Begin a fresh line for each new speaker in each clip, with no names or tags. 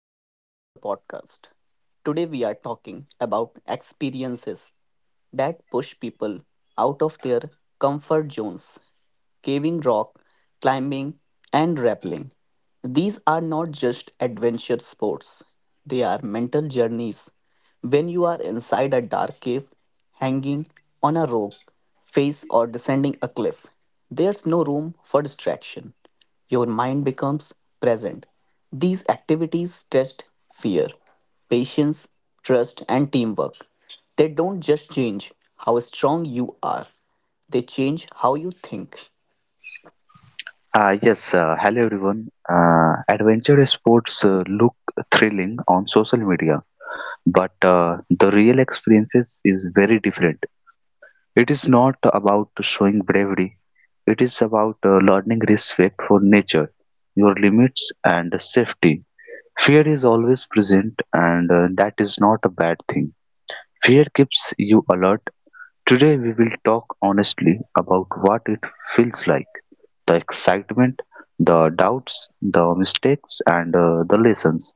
Welcome back to the podcast. Today, we are talking about experiences that push people out of their comfort zones caving rock, climbing, and rappelling. These are not just adventure sports, they are mental journeys. When you are inside a dark cave, hanging on a rope, face, or descending a cliff, there's no room for distraction. Your mind becomes present. These activities test fear, patience, trust, and teamwork. They don't just change how strong you are, they change how you think.
Yes, hello everyone. Adventure sports look thrilling on social media, but the real experiences is very different. It is not about showing bravery. It is about learning respect for nature, your limits, and safety. Fear is always present, and that is not a bad thing. Fear keeps you alert. Today we will talk honestly about what it feels like: the excitement, the doubts, the mistakes, and the lessons.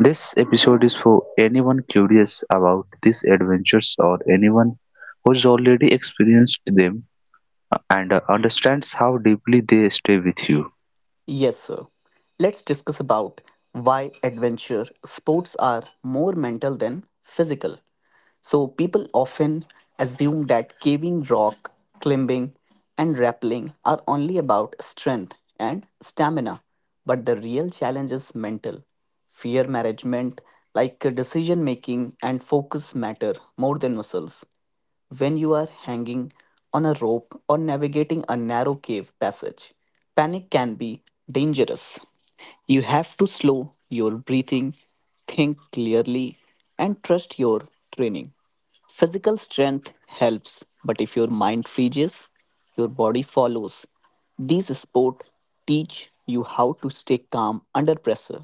This episode is for anyone curious about these adventures or anyone who's already experienced them and understands how deeply they stay with you.
Yes, sir. Let's discuss about why adventure sports are more mental than physical. So people often assume that caving rock, climbing and rappelling are only about strength and stamina, but the real challenge is mental. Fear management, like decision making and focus matter more than muscles when you are hanging on a rope or navigating a narrow cave passage. Panic can be dangerous. You have to slow your breathing, think clearly, and trust your training. Physical strength helps, but if your mind freezes, your body follows. These sports teach you how to stay calm under pressure.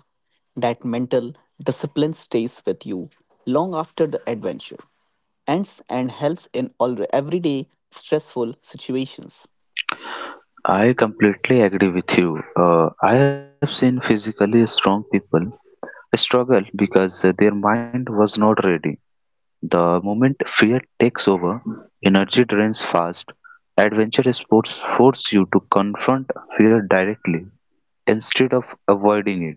That mental discipline stays with you long after the adventure. Ends and helps in all everyday stressful situations.
I completely agree with you. I have seen physically strong people struggle because their mind was not ready. The moment fear takes over, energy drains fast. Adventure sports force you to confront fear directly instead of avoiding it.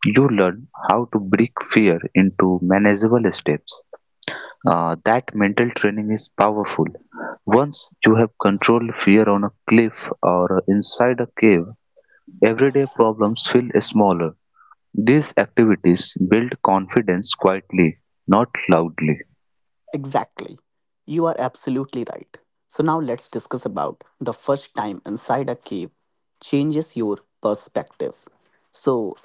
You learn how to break fear into manageable steps. That mental training is powerful. Once you have controlled fear on a cliff or inside a cave, everyday problems feel smaller. These activities build confidence quietly, not loudly.
Exactly. You are absolutely right. So now let's discuss about the first time inside a cave changes your perspective. So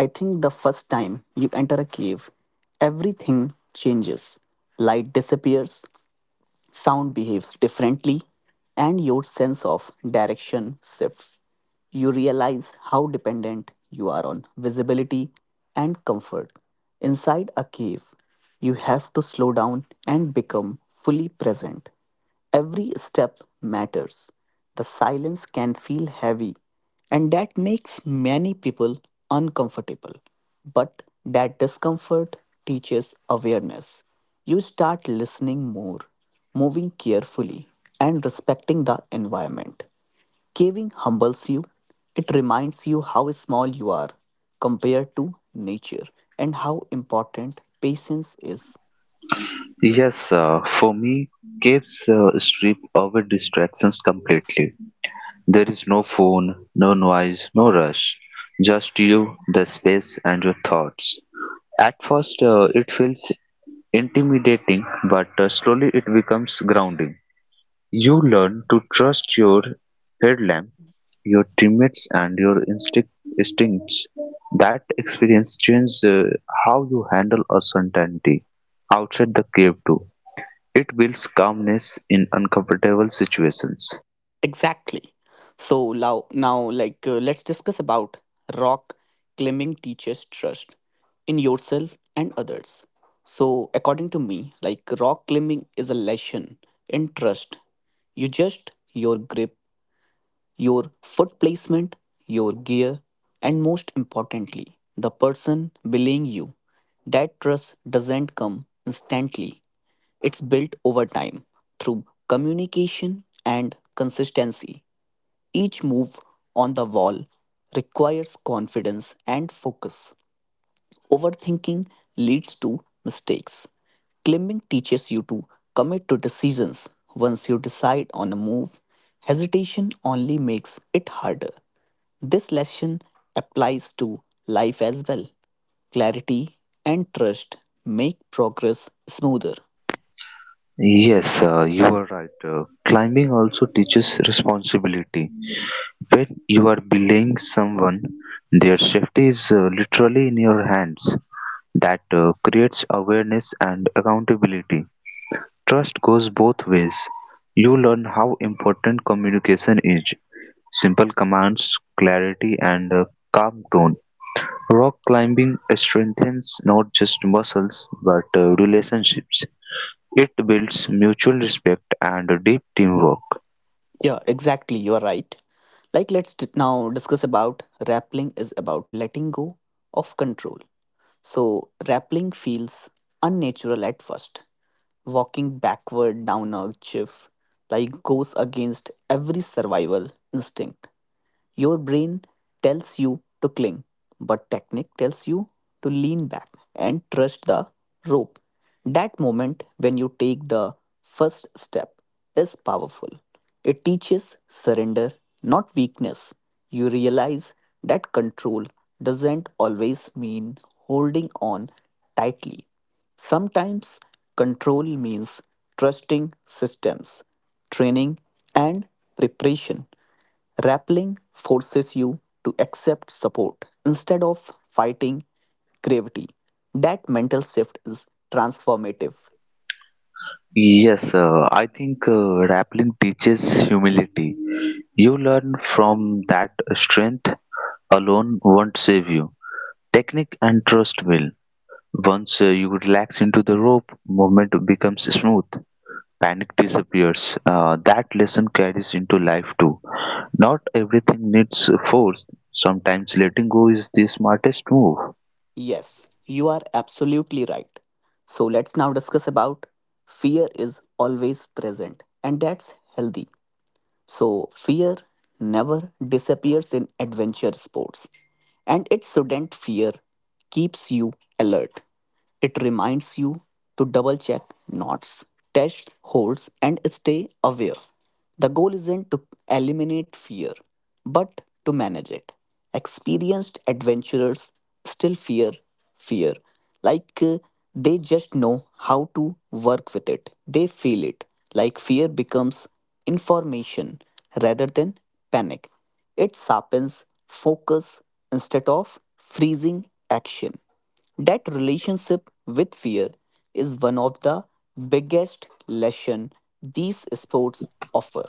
I think the first time you enter a cave, everything changes. Light disappears, sound behaves differently, and your sense of direction shifts. You realize how dependent you are on visibility and comfort. Inside a cave, you have to slow down and become fully present. Every step matters. The silence can feel heavy, and that makes many people uncomfortable. But that discomfort teaches awareness. You start listening more, moving carefully, and respecting the environment. Caving humbles you. It reminds you how small you are compared to nature and how important patience is.
Yes, for me, caves strip away distractions completely. There is no phone, no noise, no rush, just you, the space, and your thoughts. At first, it feels intimidating, but slowly it becomes grounding. You learn to trust your headlamp, your teammates, and your instincts. That experience changes how you handle uncertainty outside the cave, too. It builds calmness in uncomfortable situations.
Exactly. So now like let's discuss about rock climbing teaches trust in yourself and others. So according to me, like rock climbing is a lesson in trust. You just your grip, your foot placement, your gear, and most importantly, the person belaying you. That trust doesn't come instantly. It's built over time through communication and consistency. Each move on the wall requires confidence and focus. Overthinking leads to mistakes. Climbing teaches you to commit to decisions once you decide on a move. Hesitation only makes it harder. This lesson applies to life as well. Clarity and trust make progress smoother.
Yes, you are right. Climbing also teaches responsibility. When you are belaying someone, their safety is literally in your hands. That creates awareness and accountability. Trust goes both ways. You learn how important communication is. Simple commands, clarity, and a calm tone. Rock climbing strengthens not just muscles but relationships. It builds mutual respect and deep teamwork.
Yeah, exactly, you are right. Like, let's now discuss about rappelling is about letting go of control. So rappelling feels unnatural at first. Walking backward down a cliff like goes against every survival instinct. Your brain tells you to cling, but technique tells you to lean back and trust the rope. That moment when you take the first step is powerful. It teaches surrender, not weakness. You realize that control doesn't always mean holding on tightly. Sometimes control means trusting systems, training, and preparation. Rappelling forces you to accept support instead of fighting gravity. That mental shift is transformative.
Yes, I think rappelling teaches humility. You learn from that strength alone won't save you. Technique and trust will. Once you relax into the rope, movement becomes smooth. Panic disappears. That lesson carries into life too. Not everything needs force. Sometimes letting go is the smartest move.
Yes, you are absolutely right. So let's now discuss about fear is always present and that's healthy. So fear never disappears in adventure sports and it shouldn't fear keeps you alert. It reminds you to double check knots, test holds, and stay aware. The goal isn't to eliminate fear, but to manage it. Experienced adventurers still fear, like they just know how to work with it. They feel it, like fear becomes information rather than panic. It sharpens focus instead of freezing action. That relationship with fear is one of the biggest lesson these sports offer.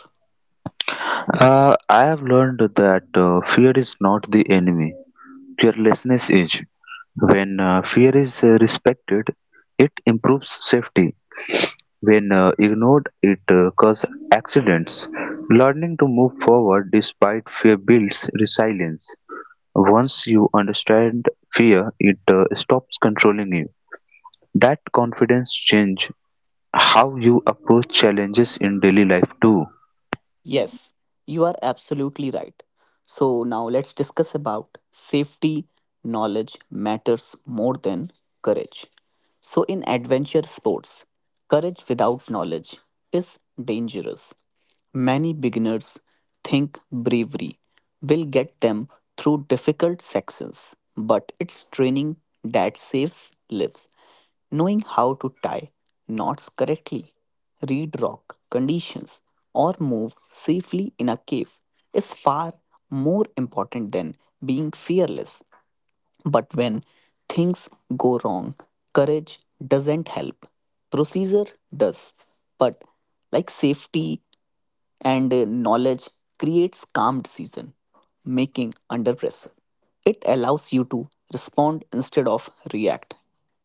I have learned that fear is not the enemy, carelessness is. When fear is respected, it improves safety. When ignored, it causes accidents. Learning to move forward despite fear builds resilience. Once you understand fear, it stops controlling you. That confidence change how you approach challenges in daily life too.
Yes, you are absolutely right. So now let's discuss about safety knowledge matters more than courage. So in adventure sports, courage without knowledge is dangerous. Many beginners think bravery will get them through difficult sections, but it's training that saves lives. Knowing how to tie knots correctly read rock conditions, or move safely in a cave is far more important than being fearless. But when things go wrong, courage doesn't help. Procedure does. But like safety and knowledge creates calm decision making under pressure. It allows you to respond instead of react.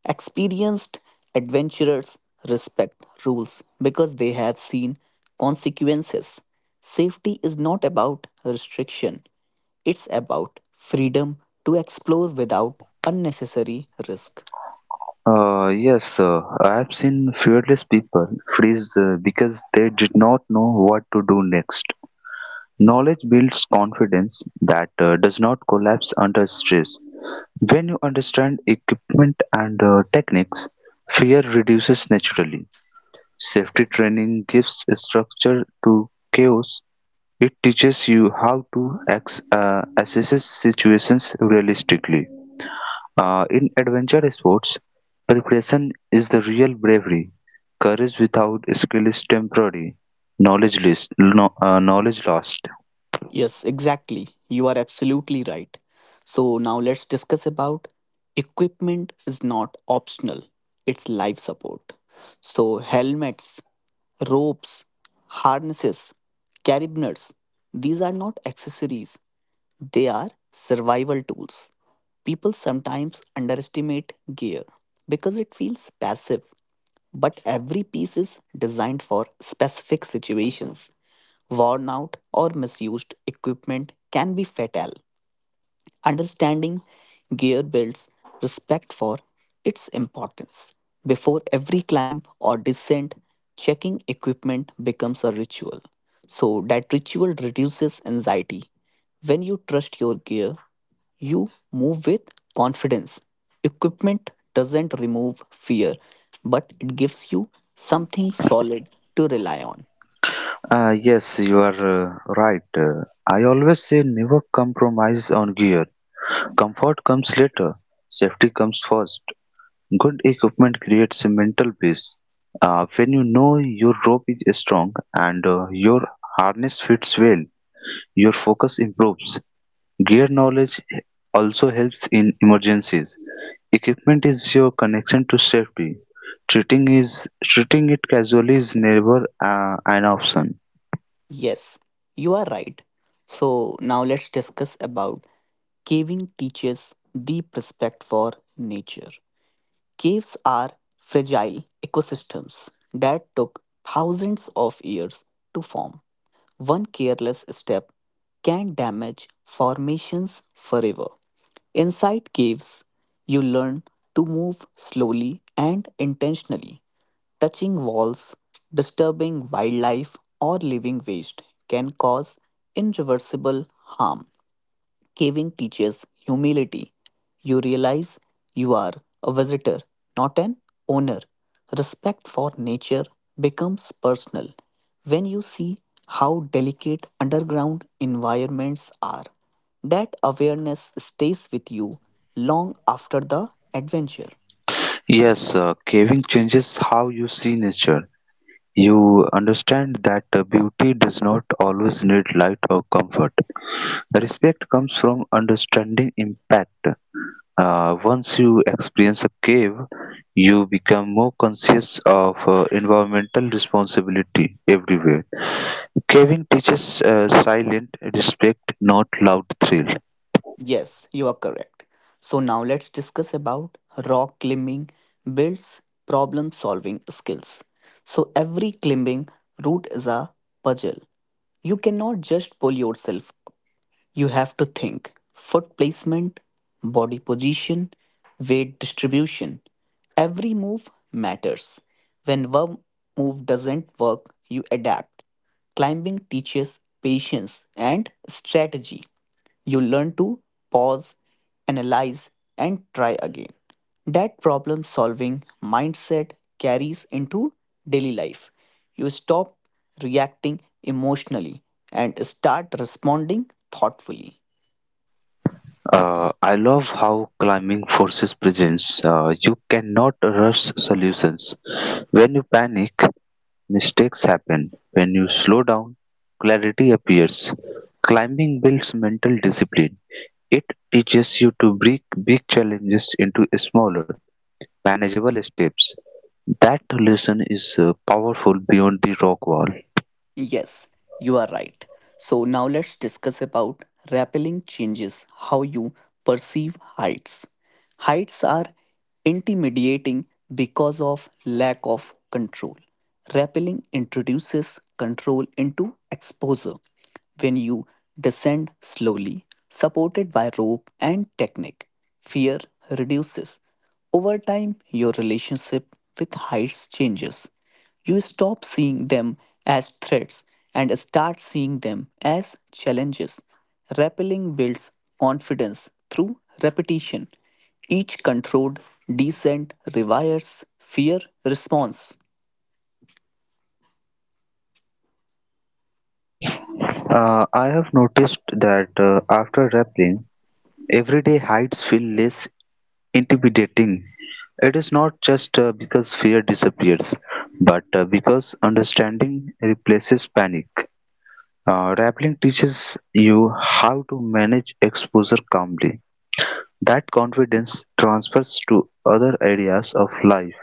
Experienced adventurers respect rules because they have seen consequences. Safety is not about restriction, it's about freedom to explore without unnecessary risk.
Yes, I have seen fearless people freeze because they did not know what to do next. Knowledge builds confidence that does not collapse under stress. When you understand equipment and techniques, fear reduces naturally. Safety training gives structure to chaos. It teaches you how to assess situations realistically. In adventure sports, preparation is the real bravery. Courage without skill is temporary. Knowledge list, no, knowledge lost.
Yes, exactly. You are absolutely right. So now let's discuss about equipment is not optional. It's life support. So helmets, ropes, harnesses, carabiners, these are not accessories. They are survival tools. People sometimes underestimate gear because it feels passive, but every piece is designed for specific situations worn out, or misused equipment can be fatal. Understanding gear builds respect for its importance. Before every climb or descent, checking equipment becomes a ritual. So, that ritual reduces anxiety. When you trust your gear, you move with confidence. Equipment doesn't remove fear, but it gives you something solid to rely on.
Yes, you are right. I always say never compromise on gear. Comfort comes later, safety comes first. Good equipment creates a mental base. When you know your rope is strong and your harness fits well, your focus improves. Gear knowledge also helps in emergencies. Equipment is your connection to safety. Treating it casually is never an option.
Yes, you are right. So now let's discuss about caving teaches deep respect for nature. Caves are fragile ecosystems that took thousands of years to form. One careless step can damage formations forever. Inside caves, you learn to move slowly and intentionally. Touching walls, disturbing wildlife, or living waste can cause irreversible harm. Caving teaches humility. You realize you are a visitor, not an owner. Respect for nature becomes personal when you see how delicate underground environments are. That awareness stays with you long after the adventure.
Yes, caving changes how you see nature. You understand that beauty does not always need light or comfort. Respect comes from understanding impact. Once you experience a cave, you become more conscious of environmental responsibility everywhere. Caving teaches silent respect, not loud thrill.
Yes, you are correct. So now let's discuss about rock climbing builds problem solving skills. So every climbing route is a puzzle. You cannot just pull yourself up. You have to think foot placement, body position, weight distribution. Every move matters. When one move doesn't work, you adapt. Climbing teaches patience and strategy. You learn to pause, analyze, and try again. That problem solving mindset carries into daily life. You stop reacting emotionally and start responding thoughtfully.
I love how climbing forces presence. You cannot rush solutions. When you panic, mistakes happen. When you slow down, clarity appears. Climbing builds mental discipline. It teaches you to break big challenges into smaller, manageable steps. That lesson is powerful beyond the rock wall.
Yes, you are right. So now let's discuss about rappelling changes how you perceive heights. Heights are intimidating because of lack of control. Rappelling introduces control into exposure. When you descend slowly, supported by rope and technique, fear reduces. Over time, your relationship with heights changes. You stop seeing them as threats and start seeing them as challenges. Rappelling builds confidence through repetition. Each controlled descent rewires fear response.
I have noticed that after rappelling, everyday heights feel less intimidating. It is not just because fear disappears, but because understanding replaces panic. Rappelling teaches you how to manage exposure calmly. That confidence transfers to other areas of life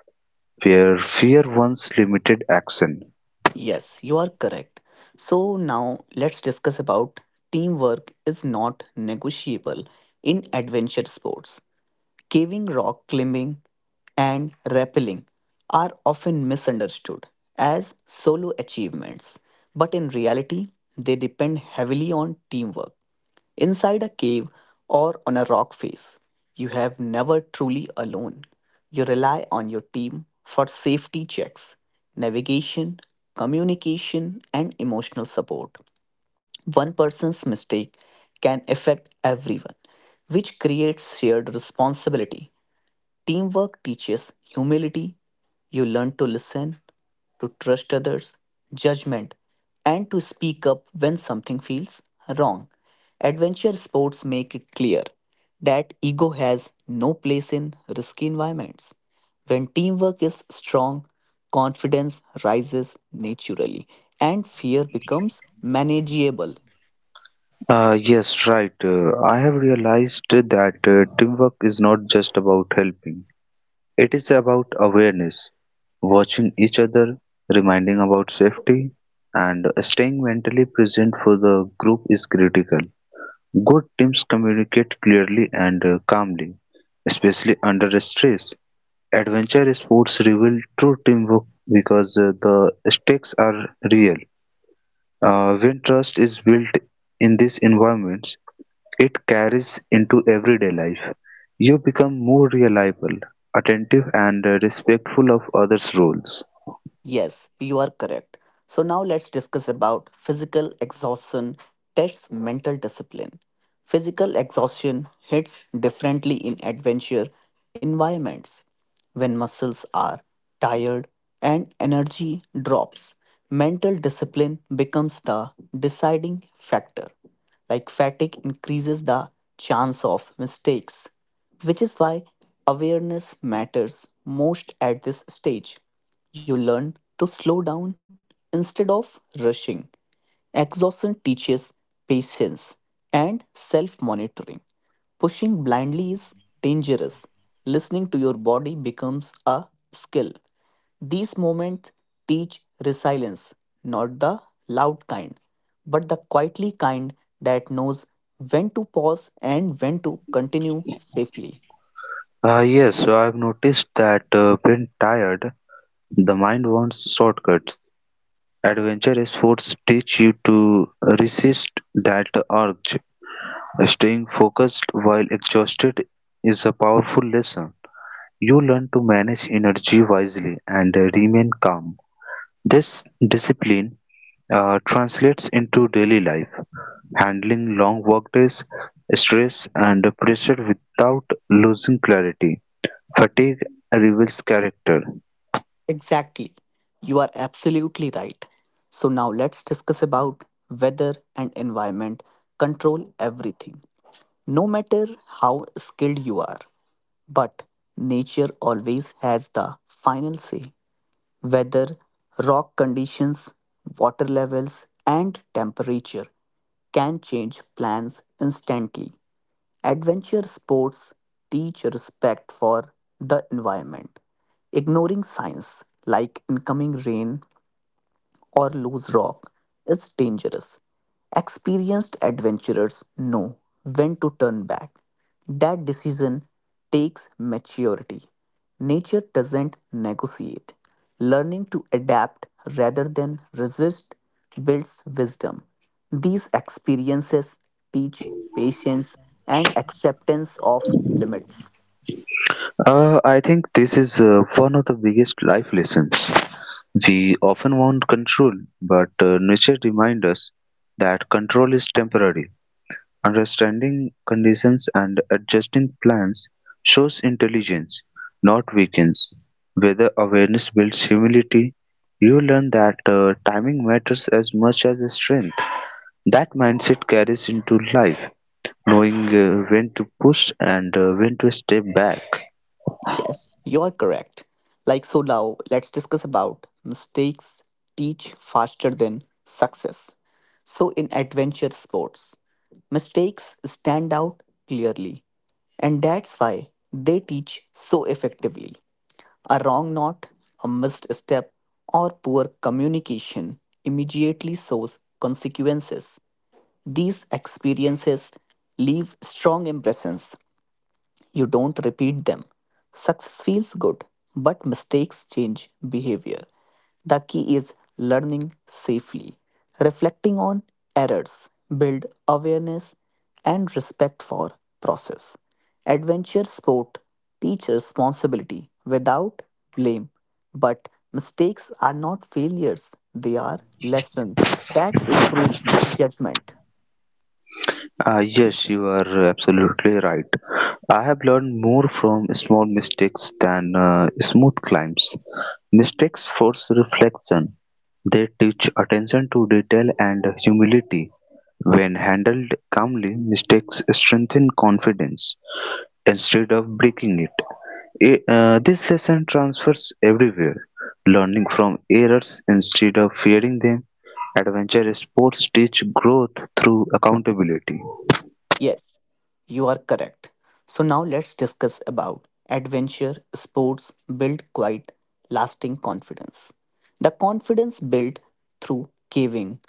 where fear once limited action.
Yes, you are correct. So now let's discuss about teamwork is not negotiable in adventure sports. Caving, rock climbing, and rappelling are often misunderstood as solo achievements, but in reality, they depend heavily on teamwork. Inside a cave or on a rock face, you have never truly alone. You rely on your team for safety checks, navigation, communication, and emotional support. One person's mistake can affect everyone, which creates shared responsibility. Teamwork teaches humility. You learn to listen, to trust others, judgment, and to speak up when something feels wrong. Adventure sports make it clear that ego has no place in risky environments. When teamwork is strong, confidence rises naturally and fear becomes manageable.
Yes, right. I have realized that teamwork is not just about helping, it is about awareness, watching each other, reminding about safety, and staying mentally present for the group is critical. Good teams communicate clearly and calmly, especially under stress. Adventure sports reveal true teamwork because the stakes are real. When trust is built in these environments, it carries into everyday life. You become more reliable, attentive, and respectful of others' roles.
Yes, you are correct. So now let's discuss about physical exhaustion tests mental discipline. Physical exhaustion hits differently in adventure environments. When muscles are tired and energy drops, mental discipline becomes the deciding factor. Like fatigue increases the chance of mistakes which is why awareness matters most at this stage. You learn to slow down instead of rushing. Exhaustion teaches patience and self monitoring. Pushing blindly is dangerous. Listening to your body becomes a skill. These moments teach resilience, not the loud kind, but the quietly kind that knows when to pause and when to continue safely.
Yes, so I've noticed that when tired, the mind wants shortcuts. Adventure sports teach you to resist that urge. Staying focused while exhausted is a powerful lesson. You learn to manage energy wisely and remain calm. This discipline translates into daily life, handling long workdays, stress, and pressure without losing clarity. Fatigue reveals character.
Exactly. You are absolutely right. So now let's discuss about weather and environment control everything. No matter how skilled you are, but nature always has the final say. Weather, rock conditions, water levels and temperature can change plans instantly. Adventure sports teach respect for the environment, ignoring signs like incoming rain or loose rock is dangerous. Experienced adventurers know when to turn back. That decision takes maturity. Nature doesn't negotiate. Learning to adapt rather than resist builds wisdom. These experiences teach patience and acceptance of limits.
I think this is one of the biggest life lessons. We often want control, but nature reminds us that control is temporary. Understanding conditions and adjusting plans shows intelligence, not weakness. Whether awareness builds humility, you learn that timing matters as much as strength. That mindset carries into life, knowing when to push and when to step back.
Yes, you are correct. Like, so now let's discuss about mistakes teach faster than success. So, in adventure sports, mistakes stand out clearly, and that's why they teach so effectively. A wrong knot, a missed step, or poor communication immediately shows consequences. These experiences leave strong impressions you don't repeat them. Success feels good, but mistakes change behavior. The key is learning safely, reflecting on errors, build awareness and respect for process. Adventure sport teach responsibility without blame, but mistakes are not failures, they are lessons that improve judgment.
Yes, you are absolutely right. I have learned more from small mistakes than smooth climbs. Mistakes force reflection. They teach attention to detail and humility. When handled calmly, mistakes strengthen confidence instead of breaking it. This lesson transfers everywhere. Learning from errors instead of fearing them. Adventure sports teach growth through accountability.
Yes, you are correct. So now let's discuss about adventure sports build quite lasting confidence. The confidence built through caving,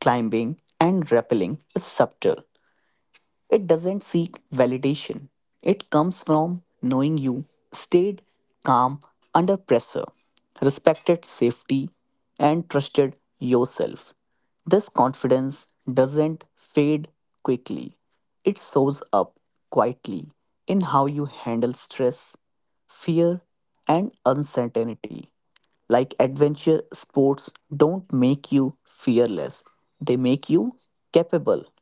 climbing, and rappelling is subtle it doesn't seek validation. It comes from knowing you stayed calm under pressure, respected safety, and trusted yourself. This confidence doesn't fade quickly, it shows up quietly in how you handle stress, fear, and uncertainty. Like adventure sports don't make you fearless, they make you capable.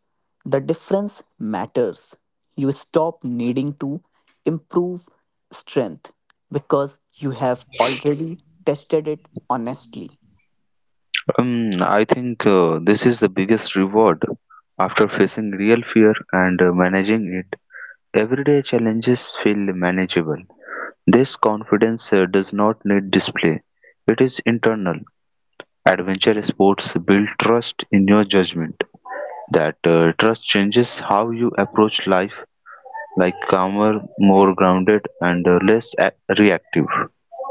The difference matters. You stop needing to improve strength because you have already tested it honestly.
I think this is the biggest reward. After facing real fear and managing it, everyday challenges feel manageable. This confidence does not need display, it is internal. Adventure sports build trust in your judgment. That trust changes how you approach life, like calmer, more grounded, and less reactive.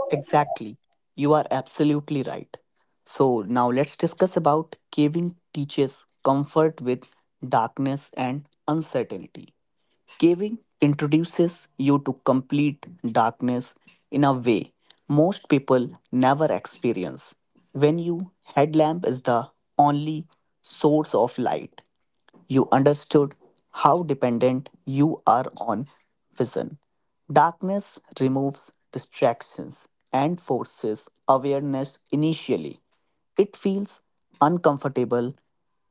Exactly. You are absolutely right. So now let's discuss about caving teaches comfort with darkness and uncertainty. Caving introduces you to complete darkness in a way most people never experience. When you headlamp is the only source of light, you understood how dependent you are on vision. Darkness removes distractions and forces awareness initially. It feels uncomfortable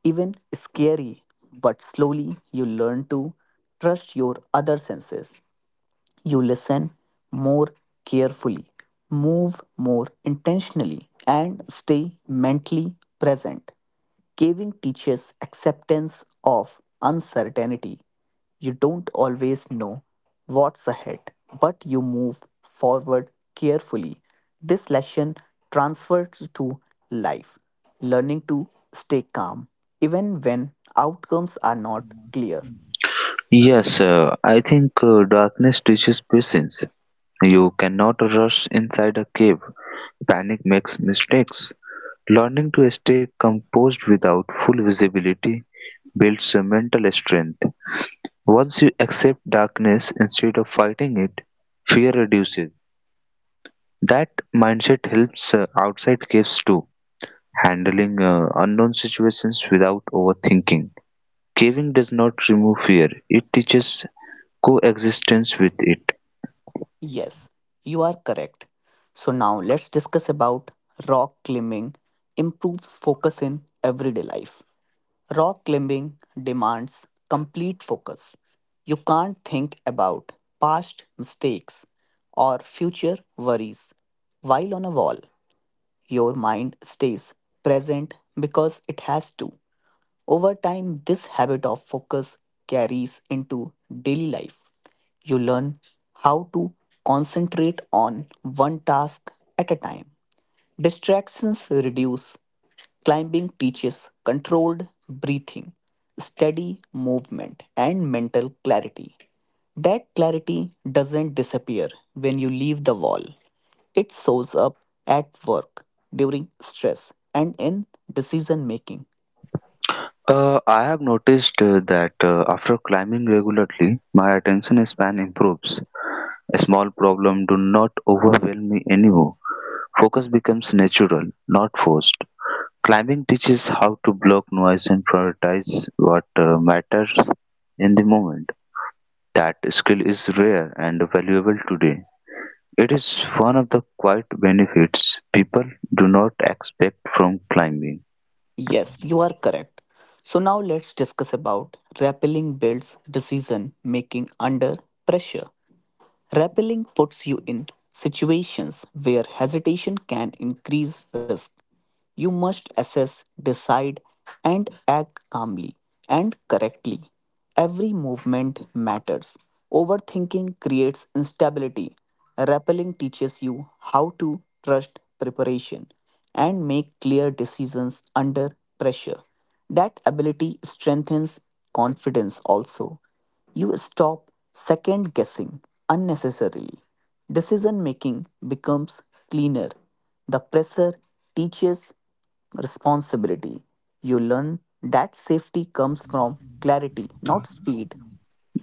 even scary, but slowly you learn to trust your other senses. You listen more carefully, move more intentionally, and stay mentally present. Caving teaches acceptance of uncertainty. You don't always know what's ahead, but you move forward carefully. This lesson transfers to life, learning to stay calm even when outcomes are not clear.
Yes, I think darkness teaches patience. You cannot rush inside a cave. Panic makes mistakes. Learning to stay composed without full visibility builds a mental strength. Once you accept darkness instead of fighting it, fear reduces. That mindset helps outside caves too, handling unknown situations without overthinking. Caving does not remove fear, it teaches coexistence with it.
Yes, you are correct. So now let's discuss about rock climbing improves focus in everyday life. Rock climbing demands complete focus. You can't think about past mistakes or future worries. While on a wall, your mind stays present because it has to. Over time, this habit of focus carries into daily life. You learn how to concentrate on one task at a time. Distractions reduce. Climbing teaches controlled breathing, steady movement, and mental clarity. That clarity doesn't disappear when you leave the wall. It shows up at work, during stress, and in decision making.
I have noticed that after climbing regularly, my attention span improves. A small problem do not overwhelm me anymore. Focus becomes natural, not forced. Climbing teaches how to block noise and prioritize what matters in the moment. That skill is rare and valuable today. It is one of the quiet benefits people do not expect from climbing.
Yes, you are correct. So now let's discuss about rappelling builds decision making under pressure. Rappelling puts you in situations where hesitation can increase risk. You must assess, decide, and act calmly and correctly. Every movement matters. Overthinking creates instability. Rappelling teaches you how to trust preparation and make clear decisions under pressure. That ability strengthens confidence also. You stop second guessing unnecessarily. Decision making becomes cleaner. The pressure teaches responsibility. You learn that safety comes from clarity, not speed.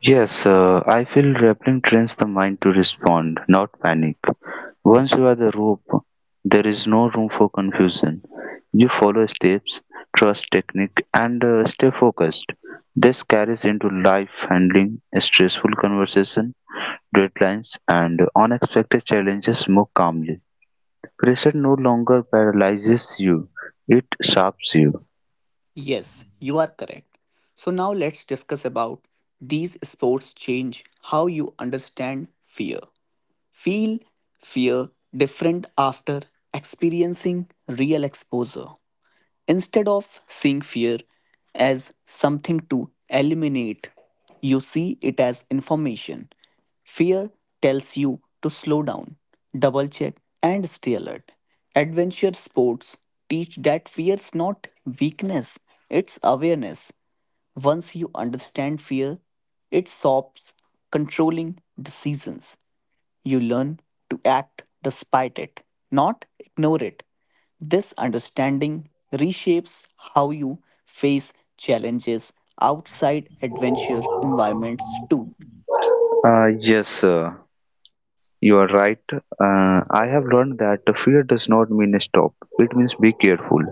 Yes, I feel rappelling trains the mind to respond, not panic. Once you are the rope, there is no room for confusion. You follow steps, trust technique, and stay focused. This carries into life handling, stressful conversation, deadlines, and unexpected challenges more calmly. Pressure no longer paralyzes you, it sharps you.
Yes, you are correct. So now let's discuss about these sports change how you understand fear. Feel fear different after experiencing real exposure. Instead of seeing fear as something to eliminate, you see it as information. Fear tells you to slow down, double check, and stay alert. Adventure sports teach that fear is not weakness, it's awareness. Once you understand fear, it stops controlling decisions. You learn to act despite it, not ignore it. This understanding reshapes how you face challenges outside adventure environments too.
Yes, sir. You are right. I have learned that fear does not mean stop, it means be careful.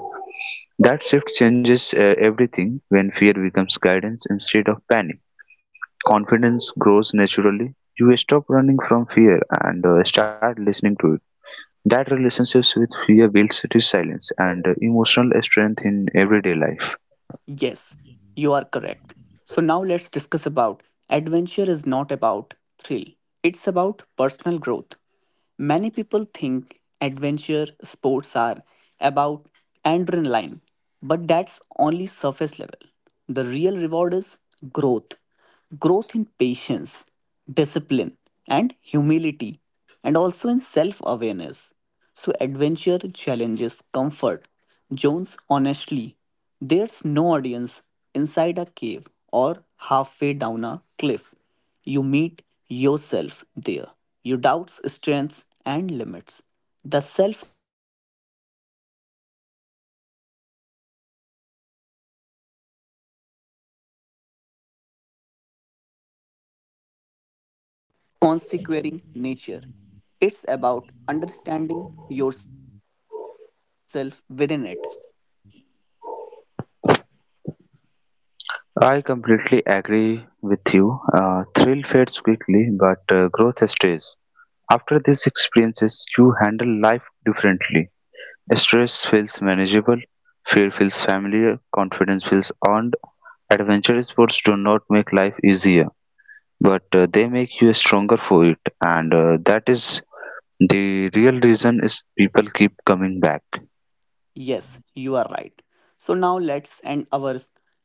That shift changes everything. When fear becomes guidance instead of panic, confidence grows naturally. You stop running from fear and start listening to it. That relationships with fear builds resilience and emotional strength in everyday life.
Yes, you are correct. So now let's discuss about adventure is not about thrill. It's about personal growth. Many people think adventure sports are about adrenaline, but that's only surface level. The real reward is growth, growth in patience, discipline, and humility, and also in self awareness. So, adventure challenges comfort. Jones, honestly, there's no audience inside a cave or halfway down a cliff. You meet your Consequering nature. It's about understanding yourself within it.
I completely agree with you. Thrill fades quickly, but growth stays. After these experiences, you handle life differently. Stress feels manageable, fear feels familiar, confidence feels earned. Adventure sports do not make life easier, but they make you stronger for it, and that is the real reason is people keep coming back.
Yes, you are right. So now let's end our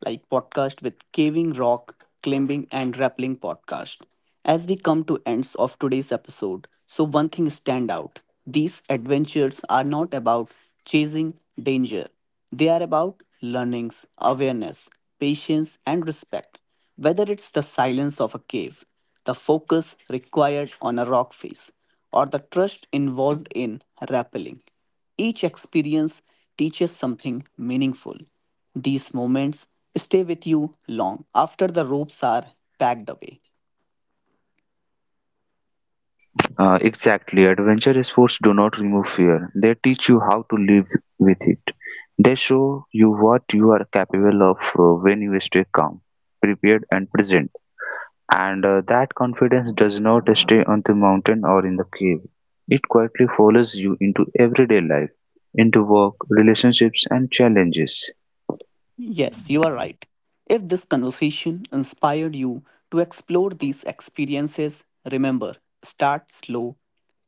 podcast with caving rock, climbing and rappelling podcast. As we come to ends of today's episode, so one thing stand out. These adventures are not about chasing danger. They are about learnings, awareness, patience and respect. Whether it's the silence of a cave, the focus required on a rock face, or the trust involved in rappelling. Each experience teaches something meaningful. These moments stay with you long after the ropes are packed away.
Exactly. Adventure sports do not remove fear. They teach you how to live with it. They show you what you are capable of when you stay calm, prepared, and present. And that confidence does not stay on the mountain or in the cave. It quietly follows you into everyday life, into work, relationships, and challenges.
Yes, you are right. If this conversation inspired you to explore these experiences, remember start slow,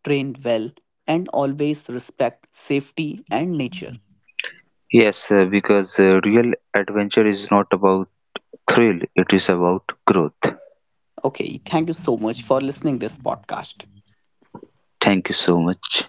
train well, and always respect safety and nature.
Yes, because real adventure is not about thrill, it is about growth.
Okay, thank you so much for listening this podcast.
Thank you so much.